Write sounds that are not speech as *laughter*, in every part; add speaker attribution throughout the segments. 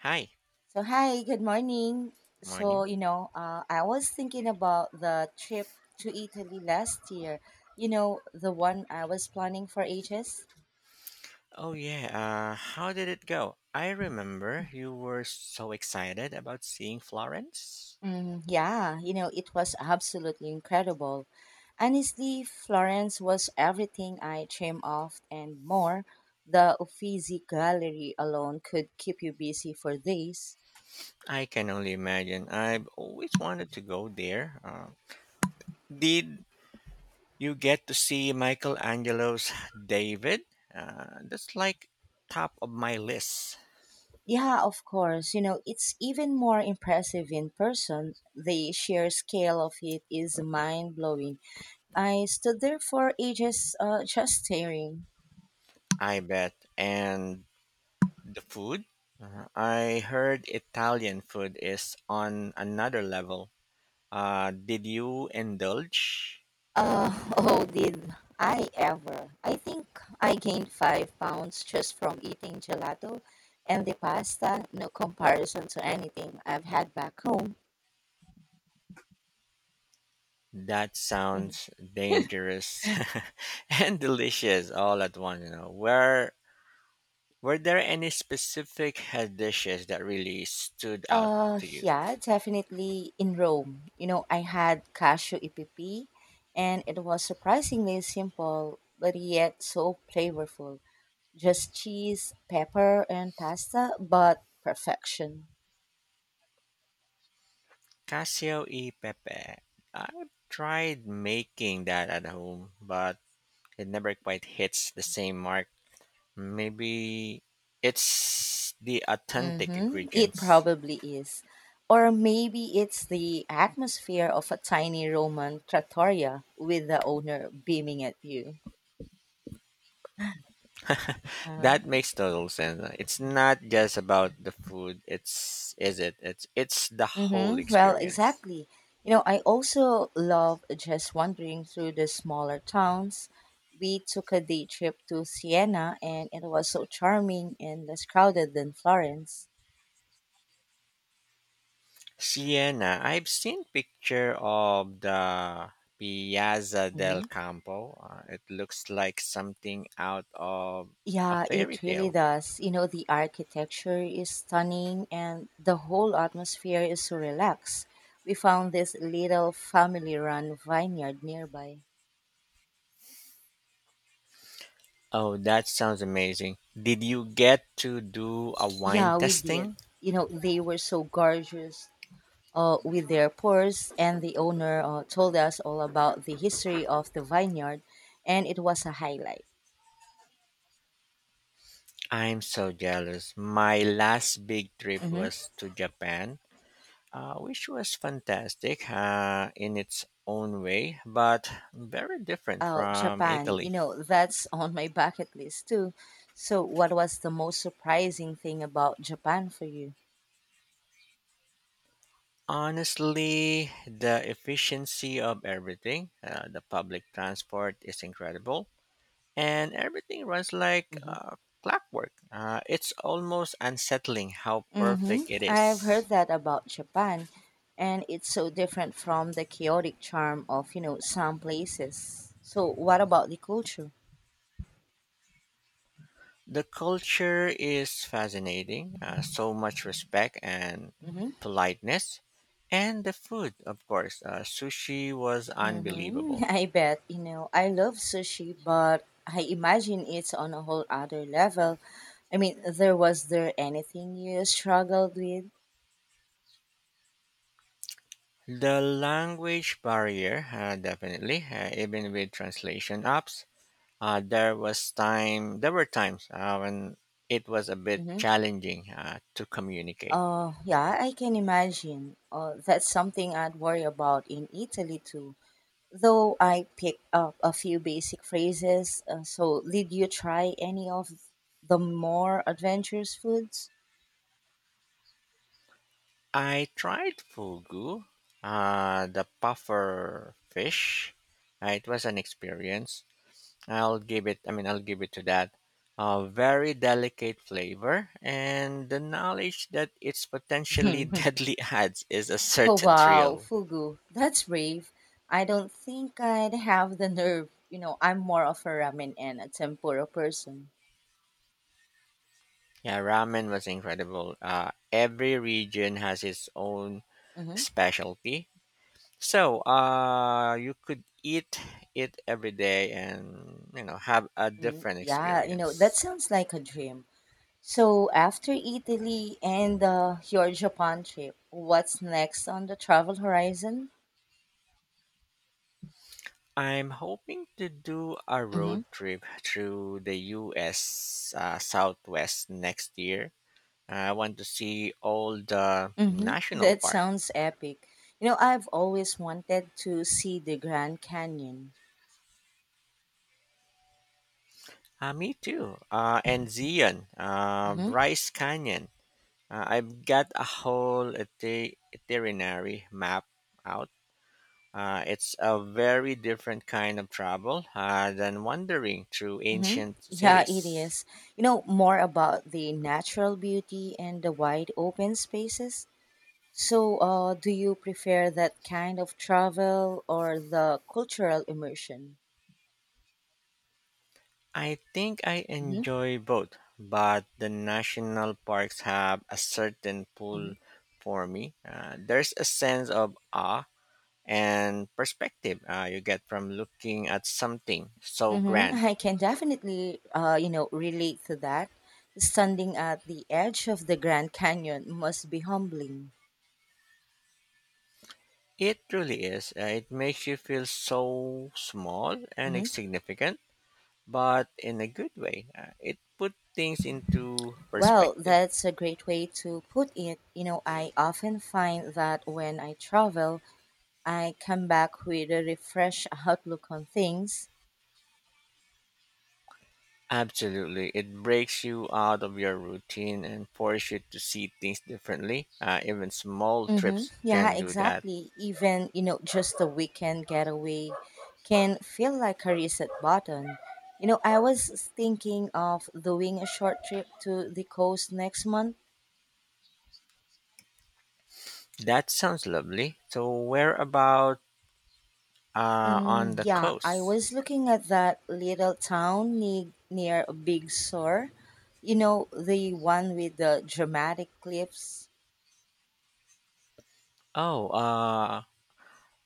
Speaker 1: Hi,
Speaker 2: So hi, good morning. So
Speaker 1: morning.
Speaker 2: I was thinking about the trip to Italy last year. The one I was planning for ages.
Speaker 1: Oh yeah, how did it go? I remember you were so excited about seeing Florence.
Speaker 2: Mm, yeah, it was absolutely incredible. Honestly, Florence was everything I dreamed of and more. The Uffizi Gallery alone could keep you busy for days.
Speaker 1: I can only imagine. I've always wanted to go there. Did you get to see Michelangelo's *sighs* David? That's like top of my list,
Speaker 2: Yeah, of course. It's even more impressive in person. The sheer scale of it is mind blowing. I stood there for ages *laughs* just staring.
Speaker 1: I bet. And the food? I heard Italian food is on another level. Did you indulge?
Speaker 2: Uh, *laughs* oh, did I ever? I think I gained 5 pounds just from eating gelato and the pasta. No comparison to anything I've had back home.
Speaker 1: That
Speaker 2: *laughs*
Speaker 1: sounds dangerous *laughs* and delicious all at once, you know. Were there any specific head dishes that really stood out to you?
Speaker 2: Yeah, definitely in Rome. I had cashew EPP, and it was surprisingly simple, but yet so flavorful. Just cheese, pepper, and pasta, but perfection.
Speaker 1: Casio e pepe. I tried making that at home, but it never quite hits the same mark. Maybe it's the authentic
Speaker 2: Mm-hmm. It
Speaker 1: ingredients.
Speaker 2: probably is. Or maybe it's the atmosphere of a tiny Roman trattoria with the owner beaming at you.
Speaker 1: That makes total sense. It's not just about the food. It's, is it? It's the whole
Speaker 2: Mm-hmm. Well,
Speaker 1: experience.
Speaker 2: exactly. I also love just wandering through the smaller towns. We took a day trip to Siena, and it was so charming and less crowded than Florence.
Speaker 1: Siena. I've seen picture of the Piazza del
Speaker 2: Mm-hmm.
Speaker 1: Campo. It looks like something out of a
Speaker 2: Yeah,
Speaker 1: fairy
Speaker 2: it really
Speaker 1: tale.
Speaker 2: does. The architecture is stunning, and the whole atmosphere is so relaxed. We found this little family run vineyard nearby.
Speaker 1: Oh, that sounds amazing. Did you get to do a wine
Speaker 2: Yeah, we did.
Speaker 1: tasting?
Speaker 2: They were so gorgeous with their pores, and the owner told us all about the history of the vineyard, and it was a highlight.
Speaker 1: I'm so jealous. My last big trip
Speaker 2: Hmm.
Speaker 1: was to Japan, which was fantastic in its own way, but very different
Speaker 2: Oh,
Speaker 1: from
Speaker 2: Japan,
Speaker 1: Italy.
Speaker 2: that's *laughs* on my bucket list too. So, what was the most surprising thing about Japan for you?
Speaker 1: Honestly, the efficiency of everything, the public transport is incredible, and everything runs like
Speaker 2: Hmm.
Speaker 1: clockwork. It's almost unsettling how
Speaker 2: Hmm.
Speaker 1: perfect it
Speaker 2: I've
Speaker 1: is.
Speaker 2: heard that about Japan, and it's so different from the chaotic charm of, some places. So, what about the culture?
Speaker 1: The culture is fascinating, so much respect and
Speaker 2: Hmm.
Speaker 1: politeness. And the food, of course, sushi was
Speaker 2: Mm-hmm. *laughs*
Speaker 1: unbelievable.
Speaker 2: I bet, I love sushi, but I imagine it's on a whole other level. I mean, there anything you struggled with?
Speaker 1: The language barrier, definitely, even with translation apps. There was time. There were times when it was a bit
Speaker 2: Mm-hmm.
Speaker 1: challenging to communicate.
Speaker 2: Yeah, I can imagine. That's something I'd worry about in Italy too. Though I picked up a few basic phrases. So, did you try any of the more adventurous foods?
Speaker 1: I tried fugu, the puffer fish. It was an experience. I'll give it to that. A very delicate flavor, and the knowledge that it's potentially *laughs*
Speaker 2: *laughs*
Speaker 1: deadly adds is a
Speaker 2: Oh
Speaker 1: certain
Speaker 2: wow,
Speaker 1: thrill.
Speaker 2: fugu. That's brave. I don't think I'd have the nerve. I'm more of a ramen and a tempura person.
Speaker 1: Yeah, ramen was incredible. Every region has its own
Speaker 2: Mm-hmm.
Speaker 1: specialty, so, you could eat it every day and, you know, have a
Speaker 2: Hmm.
Speaker 1: different
Speaker 2: Yeah, that
Speaker 1: experience.
Speaker 2: sounds like a dream. So after Italy and your Japan trip, what's next on the travel horizon?
Speaker 1: I'm hoping to do a
Speaker 2: Mm-hmm.
Speaker 1: road trip through the US Southwest next year. I want to see all the
Speaker 2: Mm-hmm.
Speaker 1: national
Speaker 2: That
Speaker 1: park.
Speaker 2: sounds epic. I've always wanted to see the Grand Canyon.
Speaker 1: Me too. And Zion,
Speaker 2: Mm-hmm.
Speaker 1: Bryce Canyon. I've got a whole itinerary map out. It's a very different kind of travel than wandering through
Speaker 2: Mm-hmm.
Speaker 1: ancient
Speaker 2: Yeah, it
Speaker 1: cities.
Speaker 2: is. More about the natural beauty and the wide open spaces. So, do you prefer that kind of travel or the cultural immersion?
Speaker 1: I think I
Speaker 2: Mm-hmm.
Speaker 1: enjoy both, but the national parks have a certain
Speaker 2: Mm-hmm.
Speaker 1: pull for me. There's a sense of awe and perspective you get from looking at something so
Speaker 2: Mm-hmm.
Speaker 1: grand.
Speaker 2: *laughs* I can definitely, relate to that. Standing at the edge of the Grand Canyon must be humbling.
Speaker 1: It truly is. It makes you feel so small and
Speaker 2: Mm-hmm.
Speaker 1: insignificant but in a good way. It put things into
Speaker 2: Well,
Speaker 1: perspective.
Speaker 2: that's a great way to put it. I often find that when I travel, I come back with a refreshed outlook on things.
Speaker 1: Absolutely. It breaks you out of your routine and forces you to see things differently. Even small
Speaker 2: Mm-hmm.
Speaker 1: trips
Speaker 2: Yeah,
Speaker 1: can do that.
Speaker 2: exactly. Even, just a weekend getaway can feel like a reset button. I was thinking of doing a short trip to the coast next month.
Speaker 1: That sounds lovely. So, where about on
Speaker 2: Mm,
Speaker 1: the
Speaker 2: yeah, I
Speaker 1: coast?
Speaker 2: was looking at that little town near Big Sur. The one with the dramatic cliffs.
Speaker 1: Oh,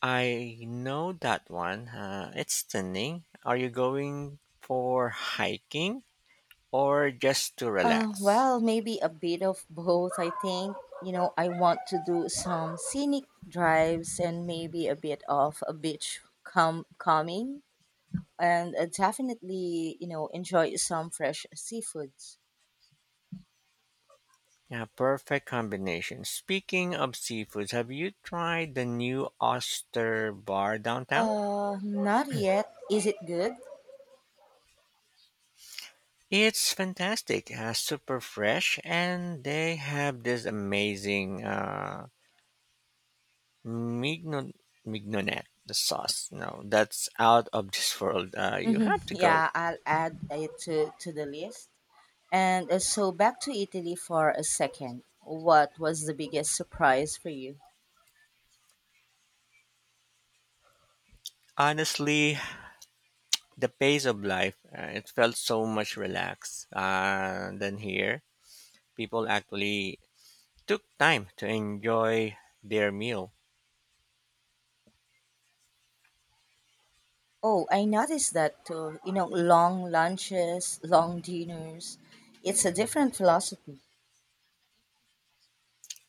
Speaker 1: I know that one. It's stunning. Are you going for hiking or just to relax?
Speaker 2: Well, maybe a bit of both, I think. I want to do some scenic drives and maybe a bit of a beach come calming and definitely, enjoy some fresh seafoods.
Speaker 1: Yeah, perfect combination. Speaking of seafoods, have you tried the new Oyster Bar downtown?
Speaker 2: Not yet. Is it good?
Speaker 1: It's fantastic, super fresh, and they have this amazing mignon- mignonette, the sauce. No, that's out of this world. You
Speaker 2: Hmm.
Speaker 1: have to go.
Speaker 2: Yeah, I'll add it to the list. And so back to Italy for a second. What was the biggest surprise for you?
Speaker 1: Honestly, the pace of life, it felt so much relaxed than here. People actually took time to enjoy their meal.
Speaker 2: Oh, I noticed that too. Long lunches, long dinners. It's a different philosophy.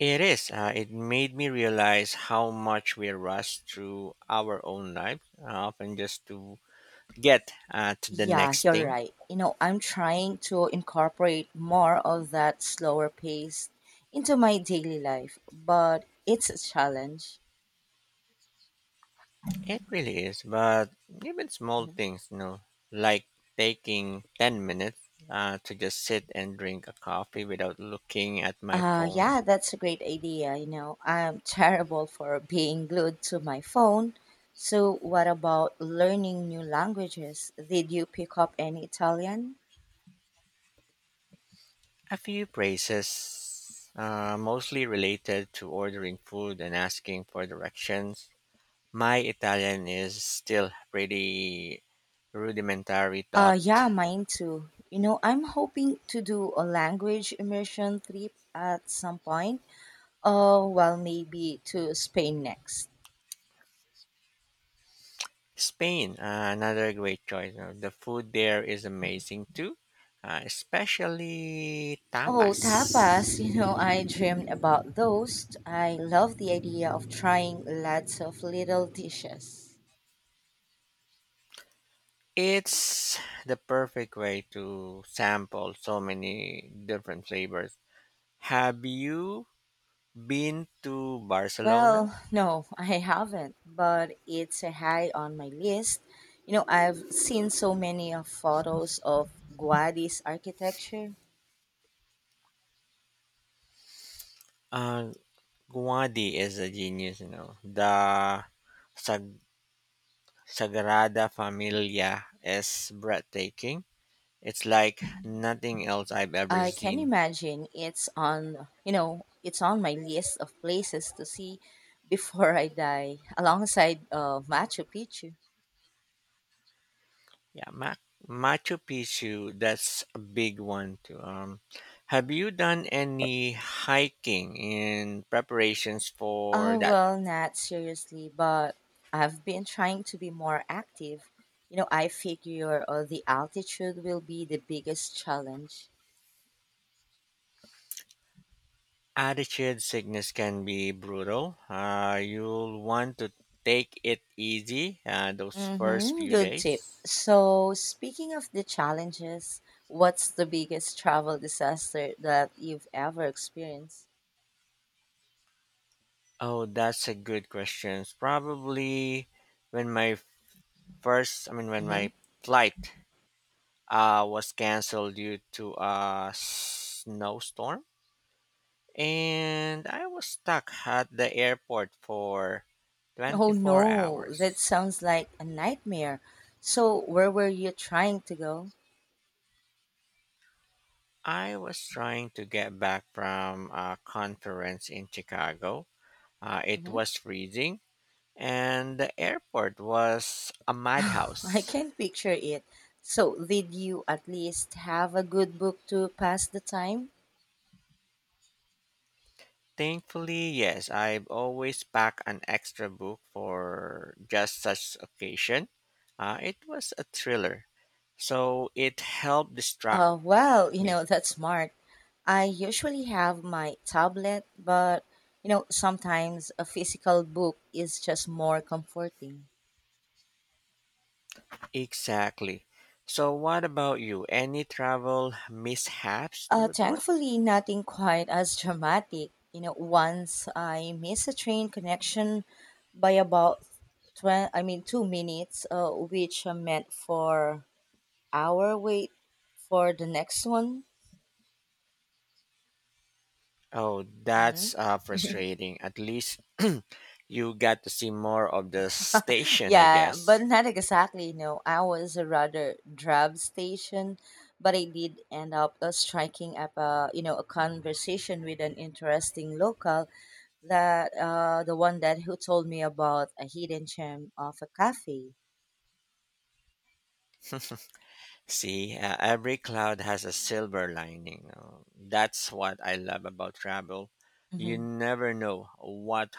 Speaker 1: It is. It made me realize how much we rush through our own life, often just to get to the
Speaker 2: Yeah,
Speaker 1: next
Speaker 2: you're
Speaker 1: thing.
Speaker 2: right. I'm trying to incorporate more of that slower pace into my daily life, but it's a challenge.
Speaker 1: It really is. But even small
Speaker 2: Mhm.
Speaker 1: things, you know, like taking 10 minutes to just sit and drink a coffee without looking at my phone.
Speaker 2: Yeah, that's a great idea. I'm *laughs* terrible for being glued to my phone. So, what about learning new languages? Did you pick up any Italian?
Speaker 1: A few praises, mostly related to ordering food and asking for directions. My Italian is still pretty rudimentary, thought.
Speaker 2: Yeah, mine too. I'm hoping to do a language immersion trip at some point. Oh, well, maybe to Spain next.
Speaker 1: Spain, another great choice. The food there is amazing too, especially
Speaker 2: Oh, tapas,
Speaker 1: tapas.
Speaker 2: *laughs* I dreamed about those. I love the idea of trying lots of little dishes.
Speaker 1: It's the perfect way to sample so many different flavors. Have you been to Barcelona?
Speaker 2: Well, no, *laughs* I haven't, but it's a high on my list. I've seen so many of photos of Guadi's architecture.
Speaker 1: Uh, Guadi is a genius, you know. The Sagrada Familia is breathtaking. It's like nothing else I've ever
Speaker 2: I can
Speaker 1: seen.
Speaker 2: imagine it's on my list of places to see before I die, alongside Machu Picchu.
Speaker 1: Yeah, Machu Picchu, that's a big one too. Have you done any hiking in preparations for
Speaker 2: Oh,
Speaker 1: that?
Speaker 2: well, not seriously, but I've been trying to be more active. I figure the altitude will be the biggest challenge.
Speaker 1: Attitude sickness can be brutal. You'll want to take it easy those first
Speaker 2: Mm-hmm,
Speaker 1: few
Speaker 2: good tip.
Speaker 1: days.
Speaker 2: So, speaking of the challenges, what's the biggest travel disaster that you've ever experienced?
Speaker 1: Oh, that's a good question. Probably when my First, I mean, when
Speaker 2: Mm-hmm.
Speaker 1: my flight was canceled due to a snowstorm, and I was stuck at the airport for
Speaker 2: Oh
Speaker 1: 24
Speaker 2: no, that
Speaker 1: hours.
Speaker 2: sounds like a nightmare. So, where were you trying to go?
Speaker 1: I was trying to get back from a conference in Chicago. It
Speaker 2: Hmm.
Speaker 1: was freezing, and the airport was a
Speaker 2: *laughs* I
Speaker 1: madhouse.
Speaker 2: can't picture it. So, did you at least have a good book to pass the time?
Speaker 1: Thankfully, yes, I've always packed an extra book for just such occasion. It was a thriller, so it helped distract
Speaker 2: Well,
Speaker 1: me.
Speaker 2: that's smart. I usually have my tablet, but, sometimes a physical book is just more comforting.
Speaker 1: Exactly. So, what about you? Any travel mishaps to report?
Speaker 2: Thankfully, nothing quite as dramatic. Once I missed a train connection by about twen I mean 2 minutes, which meant for hour wait for the next one.
Speaker 1: Oh,
Speaker 2: Hmm.
Speaker 1: that's frustrating. At least *clears throat* you got to see more of the station, I
Speaker 2: Yeah, but
Speaker 1: guess.
Speaker 2: not exactly. No, I was a rather drab station, but I did end up striking up a you know a conversation with an interesting local that the one that who told me about a hidden gem of a cafe.
Speaker 1: See, every cloud has a silver lining. That's what I love about travel. You
Speaker 2: Hmm.
Speaker 1: never know what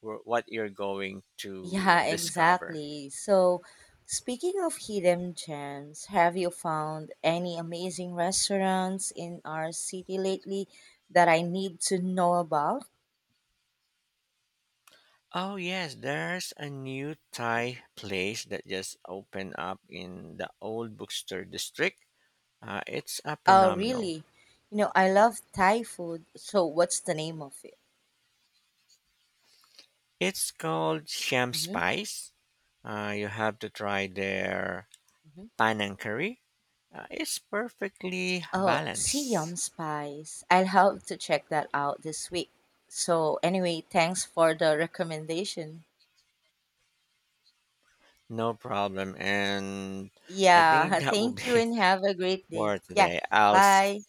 Speaker 1: what you're going to
Speaker 2: Yeah,
Speaker 1: discover.
Speaker 2: exactly. So, speaking of hidden gems, have you found any amazing restaurants in our city lately that I need to know about?
Speaker 1: Oh yes, there's a new Thai place that just opened up in the old bookstore district. It's a
Speaker 2: Oh,
Speaker 1: phenomenal.
Speaker 2: really? I love Thai food. So, what's the name of it?
Speaker 1: It's called Sham
Speaker 2: Mm-hmm.
Speaker 1: Spice. You have to try their panang curry. It's perfectly
Speaker 2: Oh, Siam
Speaker 1: balanced.
Speaker 2: Spice. I'll have to check that out this week. So, anyway, thanks for the recommendation.
Speaker 1: No problem. And I think
Speaker 2: Yeah, *laughs*
Speaker 1: that will
Speaker 2: thank you
Speaker 1: be
Speaker 2: and have a great
Speaker 1: *laughs*
Speaker 2: day.
Speaker 1: for
Speaker 2: Yeah,
Speaker 1: today.
Speaker 2: bye.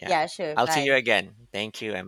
Speaker 1: Yeah.
Speaker 2: Yeah, sure.
Speaker 1: I'll see you
Speaker 2: Bye.
Speaker 1: again. Thank you and